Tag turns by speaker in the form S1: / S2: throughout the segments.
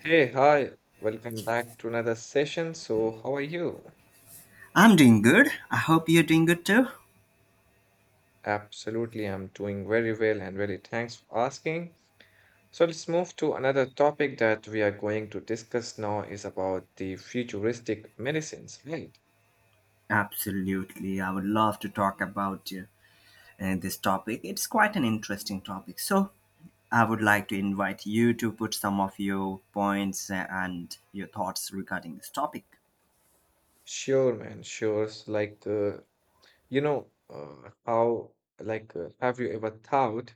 S1: Hey, hi. Welcome back to another session. So, how are you?
S2: I'm doing good. I hope you're doing good too.
S1: Absolutely, I'm doing very well and really thanks for asking. So, let's move to another topic that we are going to discuss now is about the futuristic medicines, right?
S2: Absolutely. I would love to talk about this topic. It's quite an interesting topic. So, I would like to invite you to put some of your points and your thoughts regarding this topic.
S1: Sure, man, sure. So, Like, you know, how, like, Have you ever thought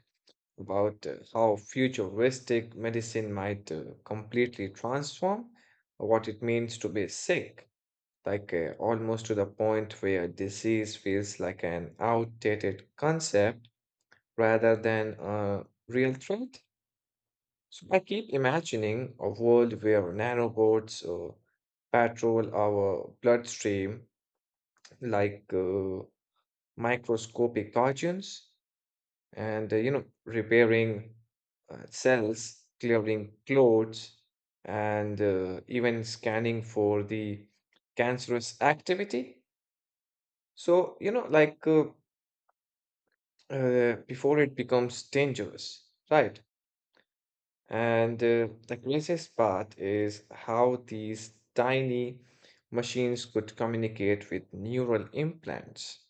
S1: about how futuristic medicine might completely transform what it means to be sick? Almost to the point where disease feels like an outdated concept rather than a real threat. So I keep imagining a world where nanobots patrol our bloodstream like uh, microscopic guardians, and repairing cells, clearing clothes, and even scanning for the cancerous activity. So, you know, like uh, Before it becomes dangerous, right? And the craziest part is how these tiny machines could communicate with neural implants,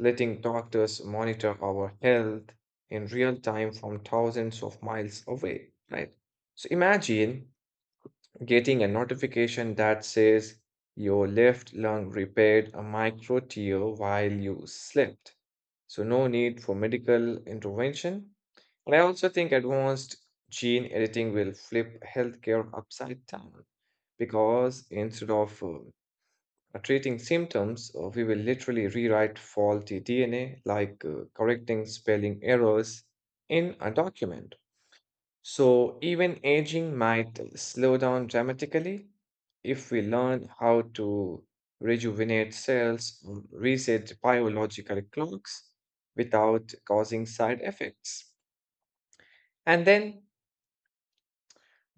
S1: letting doctors monitor our health in real time from thousands of miles away, right? So imagine getting a notification that says your left lung repaired a micro tear while you slept. So, no need for medical intervention. And I also think advanced gene editing will flip healthcare upside down because instead of treating symptoms, we will literally rewrite faulty DNA, correcting spelling errors in a document. So even aging might slow down dramatically if we learn how to rejuvenate cells, reset biological clocks without causing side effects. And then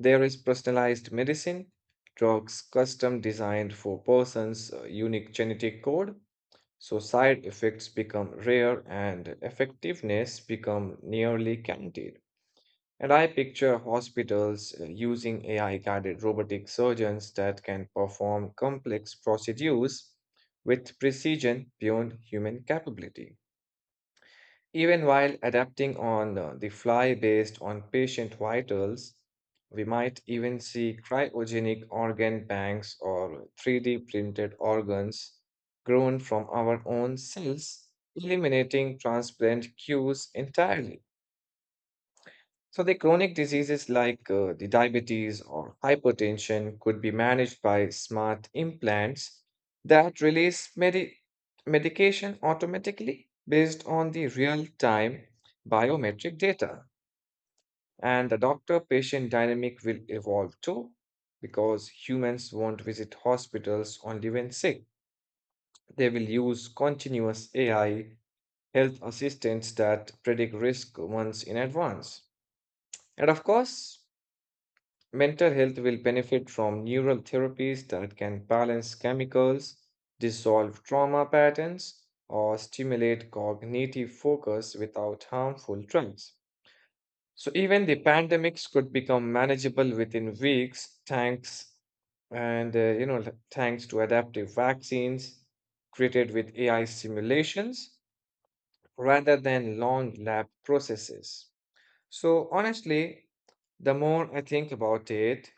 S1: there is personalized medicine, drugs custom designed for persons' unique genetic code. So side effects become rare and effectiveness become nearly guaranteed. And I picture hospitals using AI guided robotic surgeons that can perform complex procedures with precision beyond human capability. Even while adapting on the fly based on patient vitals, we might even see cryogenic organ banks or 3D printed organs grown from our own cells, eliminating transplant queues entirely. So the chronic diseases like the diabetes or hypertension could be managed by smart implants that release medication automatically based on the real-time biometric data. And the doctor-patient dynamic will evolve too, because humans won't visit hospitals only when sick. They will use continuous AI health assistants that predict risk months in advance. And of course, mental health will benefit from neural therapies that can balance chemicals, dissolve trauma patterns, or stimulate cognitive focus without harmful drugs. So, even the pandemics could become manageable within weeks, thanks and you know, thanks to adaptive vaccines created with AI simulations rather than long lab processes. So, honestly, the more I think about it,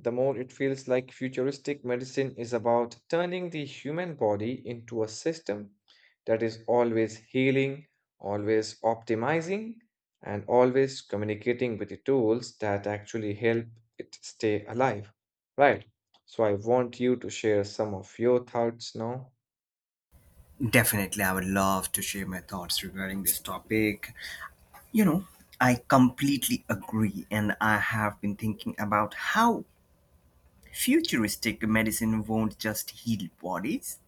S1: the more it feels like futuristic medicine is about turning the human body into a system that is always healing, always optimizing, and always communicating with the tools that actually help it stay alive. Right. So I want you to share some of your thoughts now.
S2: Definitely, I would love to share my thoughts regarding this topic. You know, I completely agree, and I have been thinking about how futuristic medicine won't just heal bodies,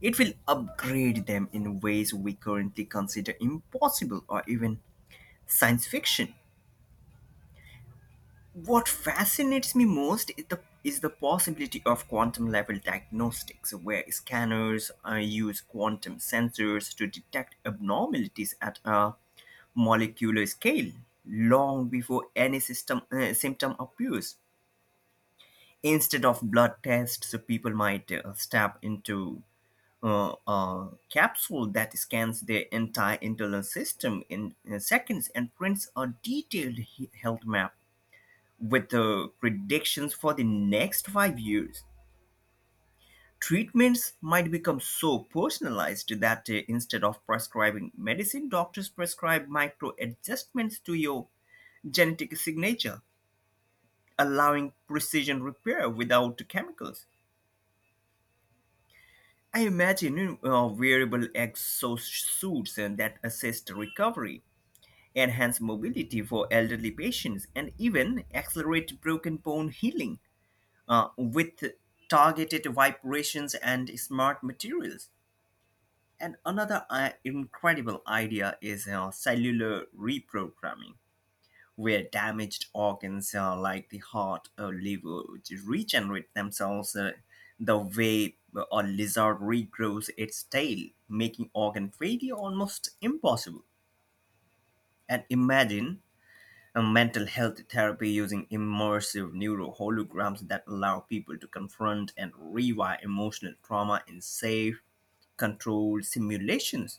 S2: it will upgrade them in ways we currently consider impossible or even science fiction. What fascinates me most is the possibility of quantum level diagnostics, where scanners use quantum sensors to detect abnormalities at a molecular scale long before any symptom appears. Instead of blood tests, people might step into capsule that scans the entire internal system in seconds and prints a detailed health map with the predictions for the next 5 years. Treatments might become so personalized that instead of prescribing medicine, doctors prescribe micro adjustments to your genetic signature, allowing precision repair without chemicals. I imagine, wearable exosuits that assist recovery, enhance mobility for elderly patients, and even accelerate broken bone healing with targeted vibrations and smart materials. And another incredible idea is cellular reprogramming, where damaged organs, like the heart or liver, regenerate themselves the way a lizard regrows its tail, making organ failure almost impossible. And imagine and mental health therapy using immersive neuroholograms that allow people to confront and rewire emotional trauma in safe, controlled simulations.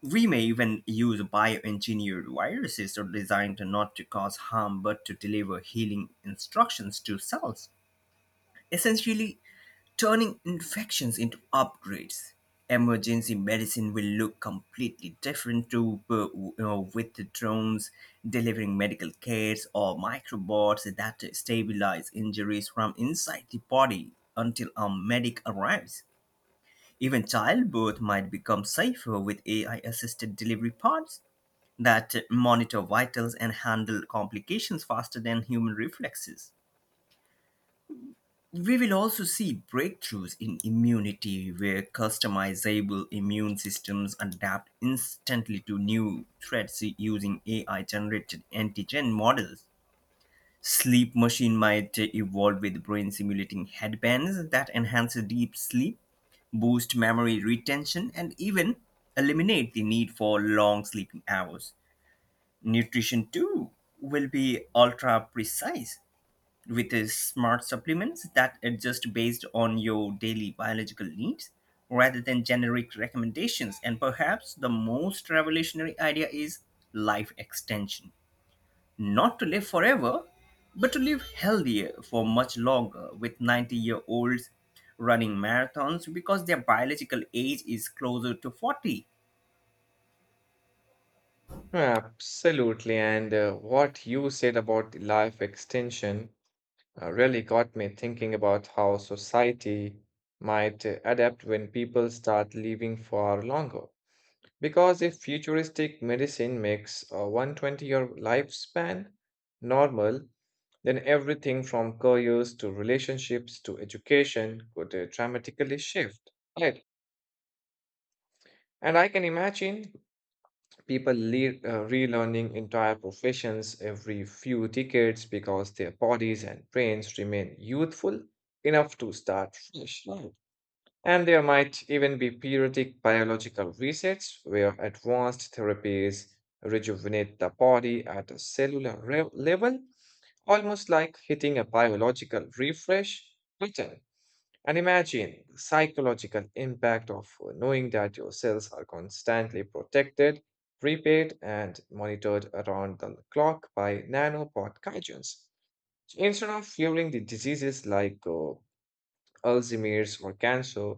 S2: We may even use bioengineered viruses or designed not to cause harm but to deliver healing instructions to cells, essentially turning infections into upgrades. Emergency medicine will look completely different to with the drones delivering medical cares or microbots that stabilize injuries from inside the body until a medic arrives. Even childbirth might become safer with AI assisted delivery pods that monitor vitals and handle complications faster than human reflexes. We will also see breakthroughs in immunity where customizable immune systems adapt instantly to new threats using AI generated antigen models. Sleep machine might evolve with brain simulating headbands that enhance deep sleep, boost memory retention, and even eliminate the need for long sleeping hours. Nutrition, too, will be ultra precise with smart supplements that adjust based on your daily biological needs rather than generic recommendations. And perhaps the most revolutionary idea is life extension. Not to live forever, but to live healthier for much longer, with 90-year-olds running marathons because their biological age is closer to 40.
S1: Absolutely. And what you said about the life extension really got me thinking about how society might adapt when people start living for longer. Because if futuristic medicine makes a 120-year lifespan normal, then everything from careers to relationships to education could dramatically shift. Right. And I can imagine people relearning entire professions every few decades because their bodies and brains remain youthful enough to start fresh. Right. And there might even be periodic biological resets where advanced therapies rejuvenate the body at a level, almost like hitting a biological refresh button. And imagine the psychological impact of knowing that your cells are constantly protected, repaired, and monitored around the clock by nanopod guardians. So instead of fearing the diseases like Alzheimer's or cancer,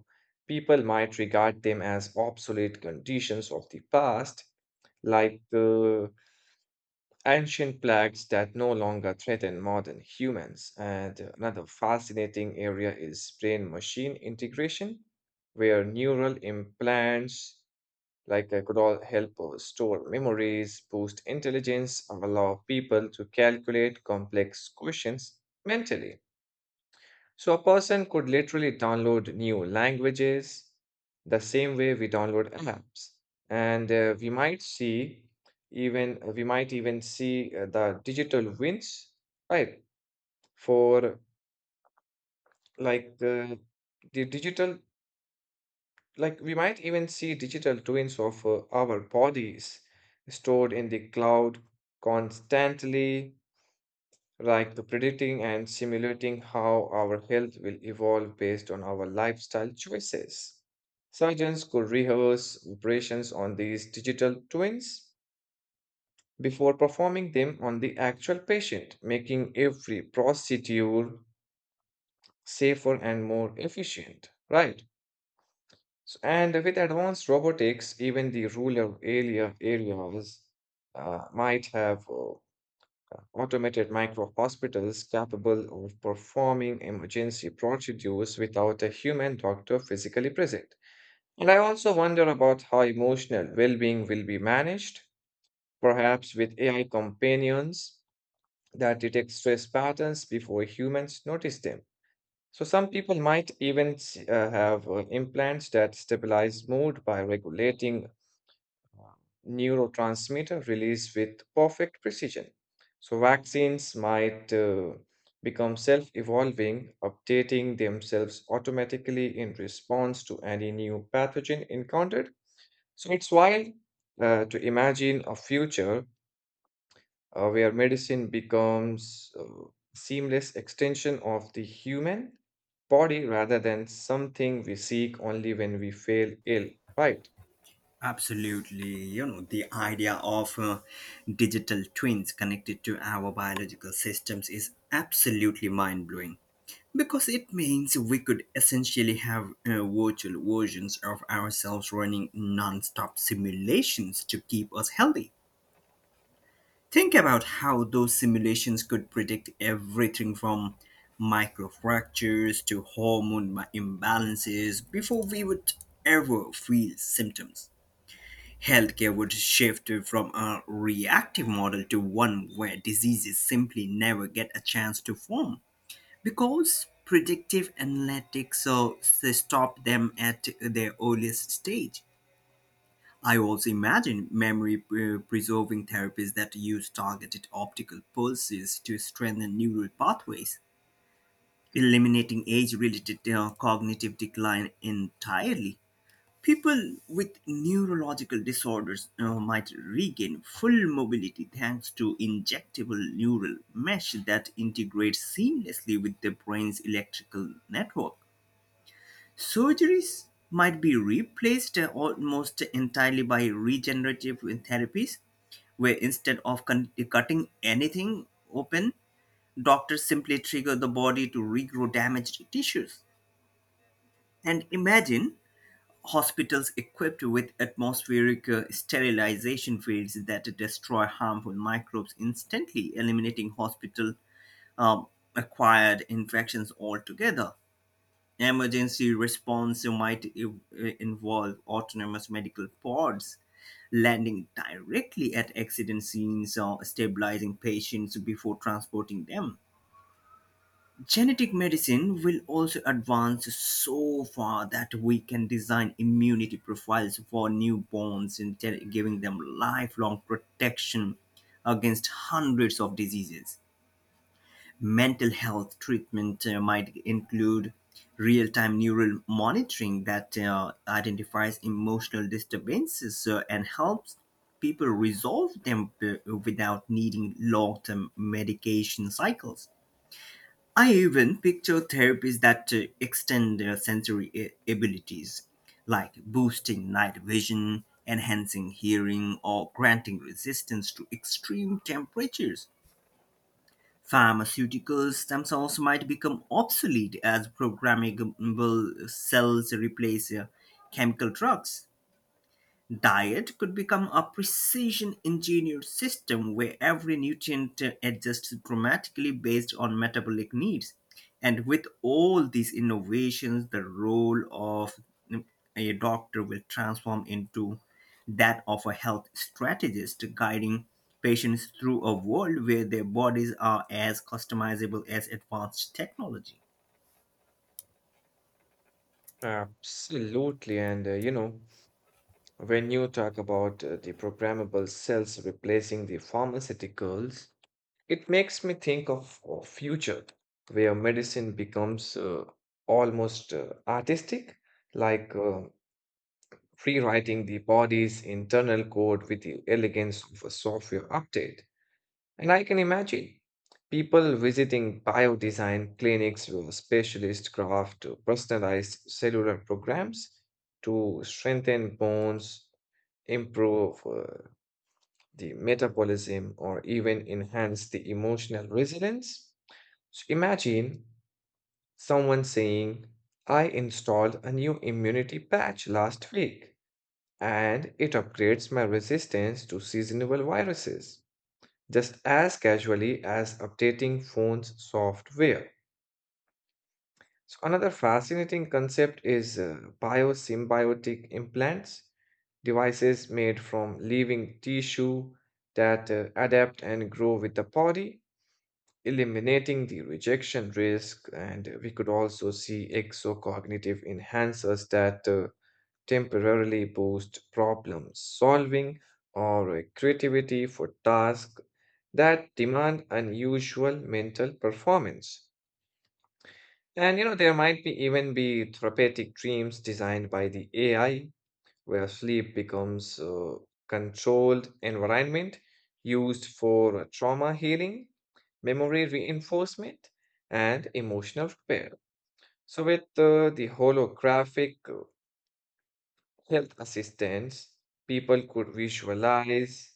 S1: people might regard them as obsolete conditions of the past, like uh, ancient plagues that no longer threaten modern humans. And another fascinating area is brain machine integration, where neural implants could all help store memories, boost intelligence, and allow people to calculate complex questions mentally. So a person could literally download new languages the same way we download apps. And we might even see the digital wins, right? For like the digital like We might even see digital twins of our bodies stored in the cloud, constantly like the predicting and simulating how our health will evolve based on our lifestyle choices. Surgeons could rehearse operations on these digital twins before performing them on the actual patient, making every procedure safer and more efficient, right? So, and with advanced robotics, even the rural areas might have automated micro hospitals capable of performing emergency procedures without a human doctor physically present. And I also wonder about how emotional well being will be managed, perhaps with AI companions that detect stress patterns before humans notice them. So, some people might even have implants that stabilize mood by regulating neurotransmitter release with perfect precision. So, vaccines might become self evolving, updating themselves automatically in response to any new pathogen encountered. So, it's wild to imagine a future where medicine becomes seamless extension of the human body rather than something we seek only when we feel ill, right?
S2: Absolutely. You know, the idea of digital twins connected to our biological systems is absolutely mind blowing because it means we could essentially have virtual versions of ourselves running non stop simulations to keep us healthy. Think about how those simulations could predict everything from microfractures to hormone imbalances before we would ever feel symptoms. Healthcare would shift from a reactive model to one where diseases simply never get a chance to form because predictive analytics stop them at their earliest stage. I also imagine preserving therapies that use targeted optical pulses to strengthen neural pathways, eliminating age related cognitive decline entirely. People with neurological disorders might regain full mobility thanks to injectable neural mesh that integrates seamlessly with the brain's electrical network. Surgeries might be replaced almost entirely by regenerative therapies, where instead of cutting anything open, doctors simply trigger the body to regrow damaged tissues. And imagine hospitals equipped with atmospheric sterilization fields that destroy harmful microbes instantly, eliminating hospital um, acquired infections altogether. Emergency response might involve autonomous medical pods landing directly at accident scenes or stabilizing patients before transporting them. Genetic medicine will also advance so far that we can design immunity profiles for newborns and giving them lifelong protection against hundreds of diseases. Mental health treatment might include real time neural monitoring that identifies emotional disturbances and helps people resolve them without needing long term medication cycles. I even picture therapies that extend their abilities, like boosting night vision, enhancing hearing, or granting resistance to extreme temperatures. Pharmaceuticals themselves might become obsolete as programmable cells replace chemical drugs. Diet could become a precision engineered system where every nutrient adjusts dramatically based on metabolic needs. And with all these innovations, the role of mm, a doctor will transform into that of a health strategist guiding patients through a world where their bodies are as customizable as advanced technology.
S1: Absolutely. And when you talk about the programmable cells replacing the pharmaceuticals, it makes me think of a future where medicine becomes almost artistic, like uh, rewriting the body's internal code with the elegance of a software update. And I can imagine people visiting biodesign clinics with specialist craft to personalized cellular programs to strengthen bones, improve the metabolism, or even enhance the emotional resilience. So imagine someone saying, I installed a new immunity patch last week and it upgrades my resistance to seasonal viruses just as casually as updating phone's software. So, another fascinating concept is biosymbiotic implants, devices made from living tissue that adapt and grow with the body, eliminating the rejection risk. And we could also see exocognitive enhancers that temporarily boost problem solving or creativity for tasks that demand unusual mental performance. And you know, there might be even be therapeutic dreams designed by the AI where sleep becomes a controlled environment used for trauma healing, memory reinforcement, and emotional repair. So, with the holographic health assistants, people could visualize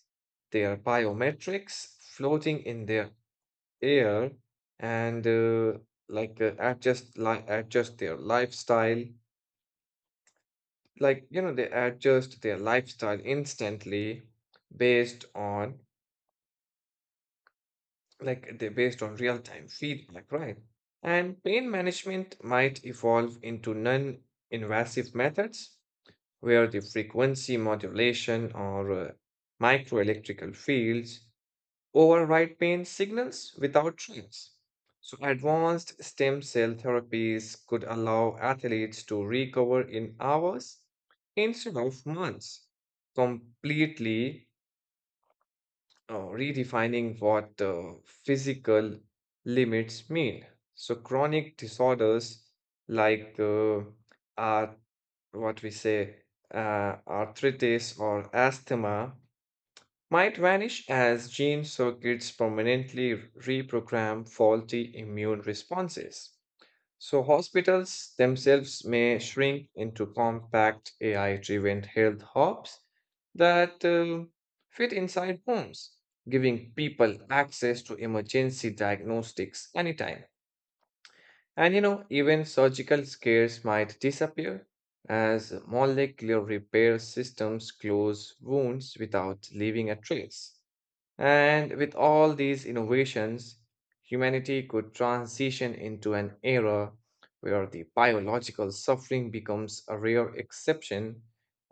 S1: their biometrics floating in their air and adjust their lifestyle like you know they adjust their lifestyle instantly based on like they based on real time feedback, right? And pain management might evolve into non invasive methods where the frequency modulation or microelectrical fields override pain signals without trials. So, advanced stem cell therapies could allow athletes to recover in hours instead of months, completely redefining what physical limits mean. So, chronic disorders like uh, what we say, arthritis or asthma might vanish as gene circuits permanently reprogram faulty immune responses. So, hospitals themselves may shrink into compact AI driven health hubs that fit inside homes, giving people access to emergency diagnostics anytime. And you know, even surgical scares might disappear as molecular repair systems close wounds without leaving a trace. And with all these innovations, humanity could transition into an era where the biological suffering becomes a rare exception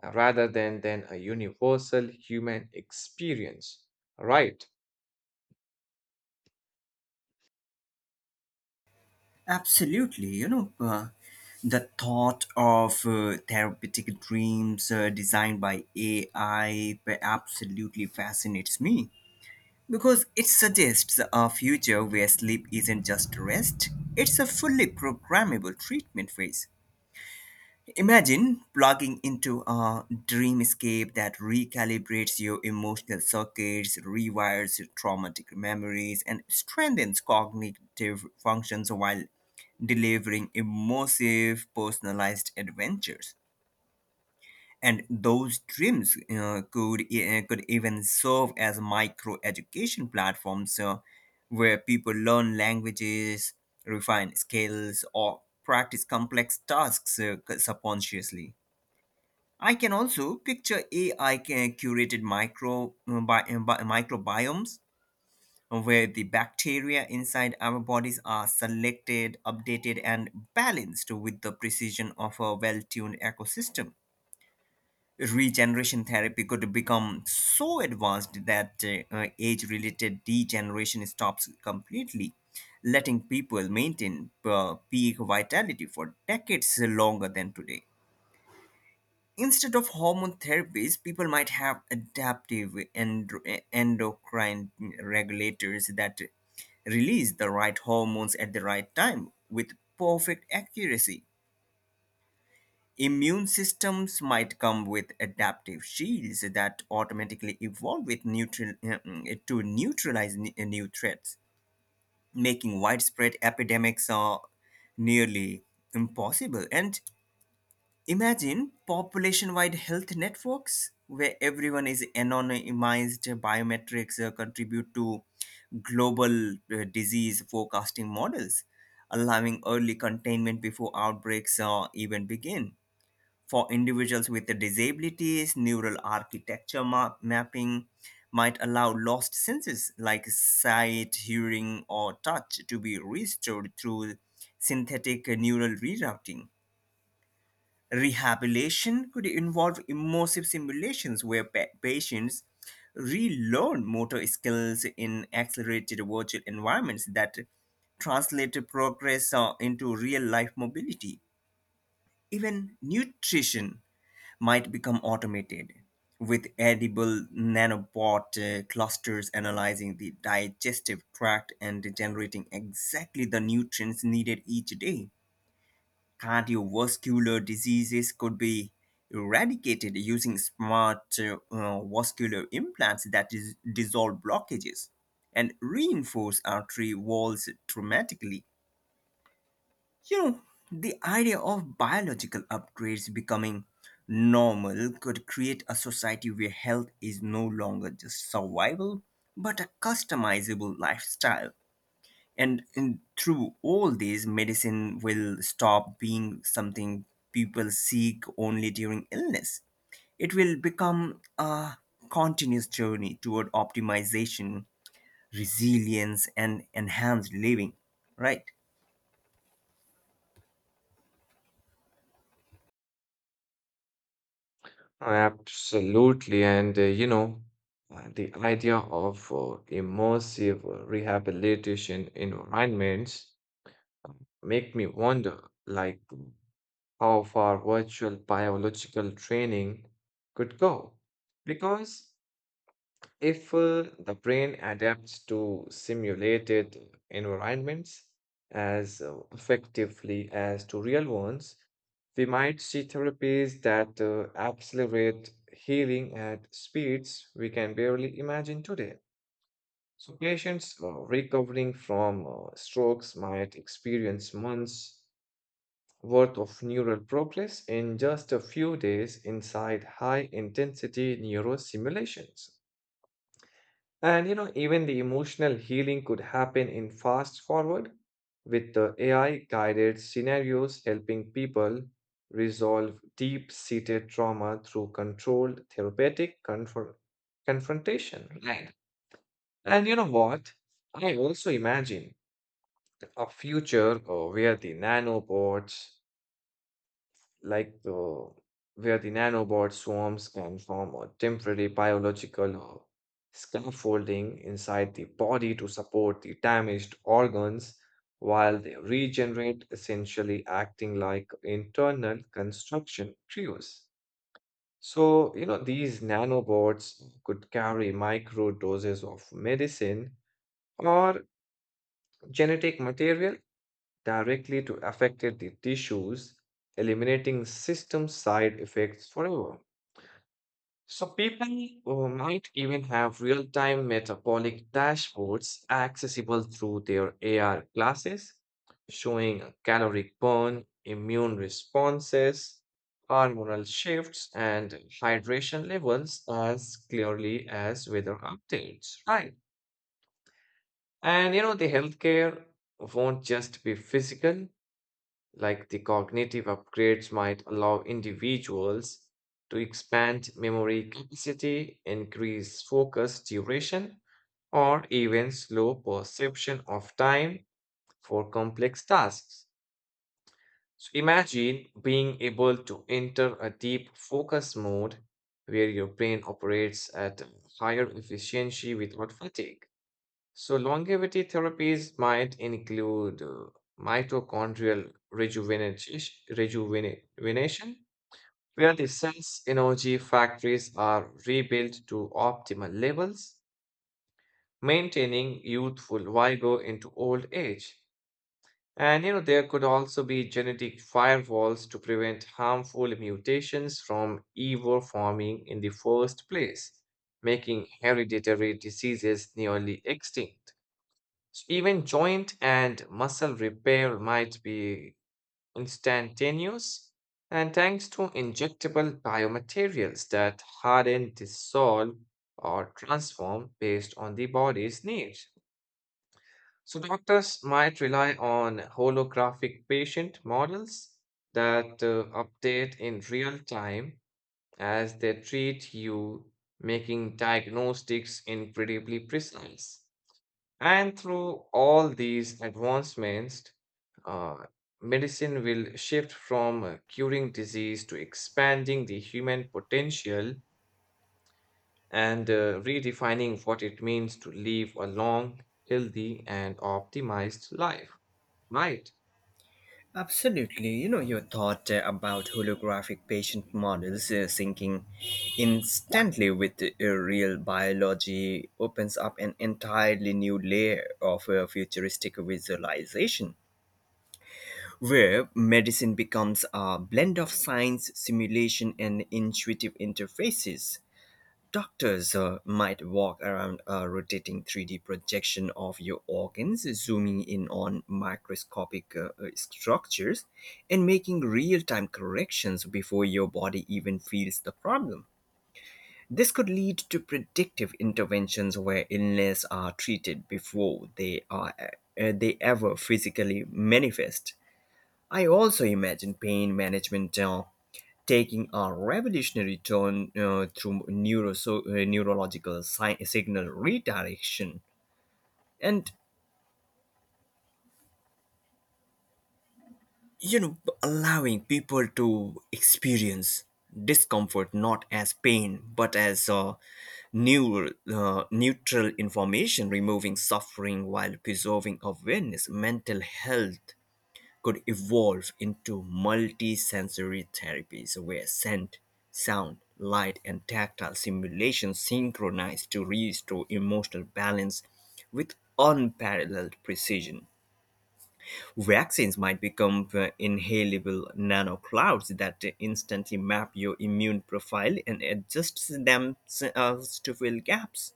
S1: rather than a universal human experience. Right?
S2: Absolutely, you know, the thought of therapeutic dreams designed by AI absolutely fascinates me because it suggests a future where sleep isn't just rest, it's a fully programmable treatment phase. Imagine plugging into a dreamscape that recalibrates your emotional circuits, rewires your traumatic memories, and strengthens cognitive functions while delivering immersive, personalized adventures. And those dreams could even serve as micro education platforms where people learn languages, refine skills, or practice complex tasks subconsciously. I can also picture AI curated microbiomes where the bacteria inside our bodies are selected, updated, and balanced with the precision of a well tuned ecosystem. Regeneration therapy could become so advanced that age related degeneration stops completely, letting people maintain peak vitality for decades longer than today. Instead of hormone therapies, people might have adaptive endocrine regulators that release the right hormones at the right time with perfect accuracy. Immune systems might come with adaptive shields that automatically evolve with to neutralize new threats, making widespread epidemics nearly impossible. And imagine population wide health networks where everyone is anonymized, biometrics contribute to global disease forecasting models, allowing early containment before outbreaks even begin. For individuals with disabilities, neural architecture mapping might allow lost senses like sight, hearing, or touch to be restored through synthetic neural rerouting. Rehabilitation could involve immersive simulations where patients relearn motor skills in accelerated virtual environments that translate progress into real life mobility. Even nutrition might become automated with edible nanobot clusters analyzing the digestive tract and generating exactly the nutrients needed each day. Cardiovascular diseases could be eradicated using smart vascular implants that is, dissolve blockages and reinforce artery walls dramatically. You know, the idea of biological upgrades becoming normal could create a society where health is no longer just survival, but a customizable lifestyle. And in, through all these, medicine will stop being something people seek only during illness. It will become a continuous journey toward optimization, resilience, and enhanced living, right?
S1: Oh, absolutely. And the idea of immersive rehabilitation environments uh, make me wonder like how far virtual biological training could go. Because if the brain adapts to simulated environments as effectively as to real ones, we might see therapies that accelerate healing at speeds we can barely imagine today. So, patients recovering from strokes might experience months worth of neural progress in just a few days inside high intensity neurosimulations. And you know, even the emotional healing could happen in fast forward with the AI guided scenarios helping people resolve deep seated trauma through controlled therapeutic confrontation. Right. And you know what? I also imagine a future like the where the nanobot swarms can form a temporary biological scaffolding inside the body to support the damaged organs while they regenerate, essentially acting like internal construction trios. So, you know, these nanobots could carry micro doses of medicine or genetic material directly to affected the tissues, eliminating system side effects forever. So people might even have real-time metabolic dashboards accessible through their AR glasses, showing a caloric burn, immune responses, hormonal shifts, and hydration levels as clearly as weather updates. Right. And you know, the healthcare won't just be physical, like the cognitive upgrades might allow individuals to expand memory capacity, increase focus duration, or even slow perception of time for complex tasks. So imagine being able to enter a deep focus mode where your brain operates at higher efficiency without fatigue. So longevity therapies might include mitochondrial rejuvenati- rejuvenation, where the cell's energy factories are rebuilt to optimal levels, maintaining youthful vigor into old age. And you know there could also be genetic firewalls to prevent harmful mutations from ever forming in the first place, making hereditary diseases nearly extinct. Even joint and muscle repair might be instantaneous, and thanks to injectable biomaterials that harden, dissolve, or transform based on the body's needs. So, doctors might rely on holographic patient models that update in real time as they treat you, making diagnostics incredibly precise. And through all these advancements, uh, medicine will shift from curing disease to expanding the human potential and redefining what it means to live a long, healthy, and optimized life. Right?
S2: Absolutely. You know, your thought about holographic patient models syncing instantly with real biology opens up an entirely new layer of futuristic visualization, where medicine becomes a blend of science, simulation, and intuitive interfaces. Doctors might walk around a rotating 3D projection of your organs, zooming in on microscopic structures and making real time corrections before your body even feels the problem. This could lead to predictive interventions where illness are treated before they ever physically manifest. I also imagine pain management taking a revolutionary turn through neurological signal redirection and, you know, allowing people to experience discomfort not as pain but as neutral information, removing suffering while preserving awareness. Mental health could evolve into multisensory therapies where scent, sound, light, and tactile simulations synchronize to restore emotional balance with unparalleled precision. Vaccines might become inhalable nanoclouds that instantly map your immune profile and adjust themselves to fill gaps.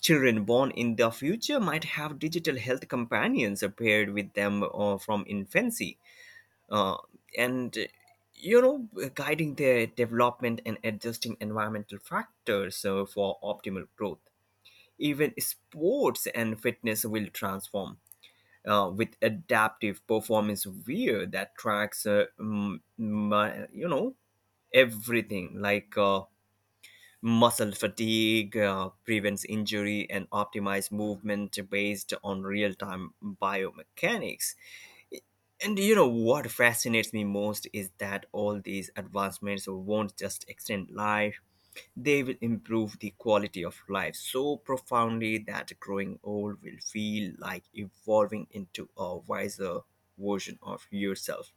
S2: Children born in the future might have digital health companions paired with them from infancy, uh, and, you know, guiding their development and adjusting environmental factors for optimal growth. Even sports and fitness will transform with adaptive performance wear that tracks you know, everything like muscle fatigue, prevents injury, and optimize movement based on real-time biomechanics. And, you know, what fascinates me most is that all these advancements won't just extend life, they will improve the quality of life so profoundly that growing old will feel like evolving into a wiser version of yourself,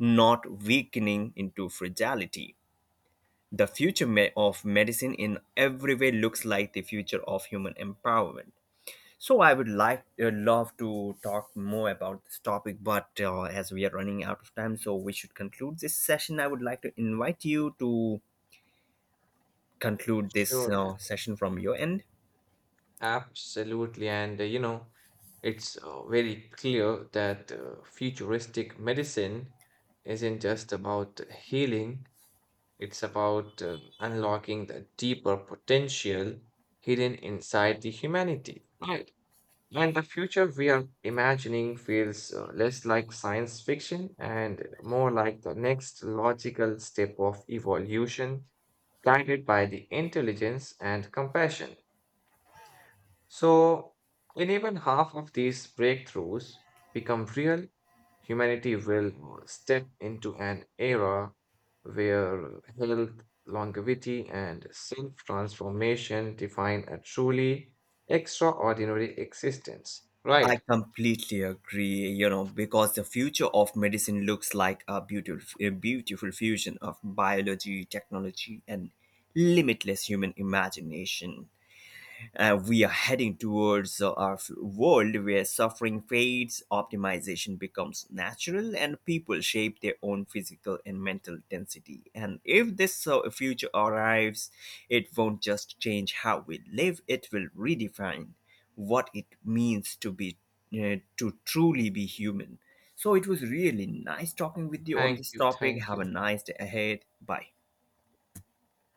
S2: not weakening into fragility. The of medicine in every way looks like the future of human empowerment. So I would like, love to talk more about this topic, but as we are running out of time, so we should conclude this session. I would like to invite you to conclude this
S1: Sure, man.
S2: session from your end.
S1: Absolutely. And it's very clear that futuristic medicine isn't just about healing. It's about unlocking the deeper potential hidden inside the humanity, right? And the future we are imagining feels less like science fiction and more like the next logical step of evolution, guided by the intelligence and compassion. So, in even half of these breakthroughs become real, humanity will step into an era where health, longevity, and self transformation define a truly extraordinary existence.
S2: I
S1: Right.
S2: completely agree, you know, because the future of medicine looks like a beautiful fusion of biology, technology, and limitless human imagination. We are heading towards a world where suffering fades, optimization becomes natural, and people shape their own physical and mental density. And if this future arrives, it won't just change how we live, it will redefine what it means to be to truly be human. So it was really nice talking with you on
S1: Thank
S2: this
S1: you.
S2: topic.
S1: Thank
S2: Have a
S1: you.
S2: nice day ahead. Bye.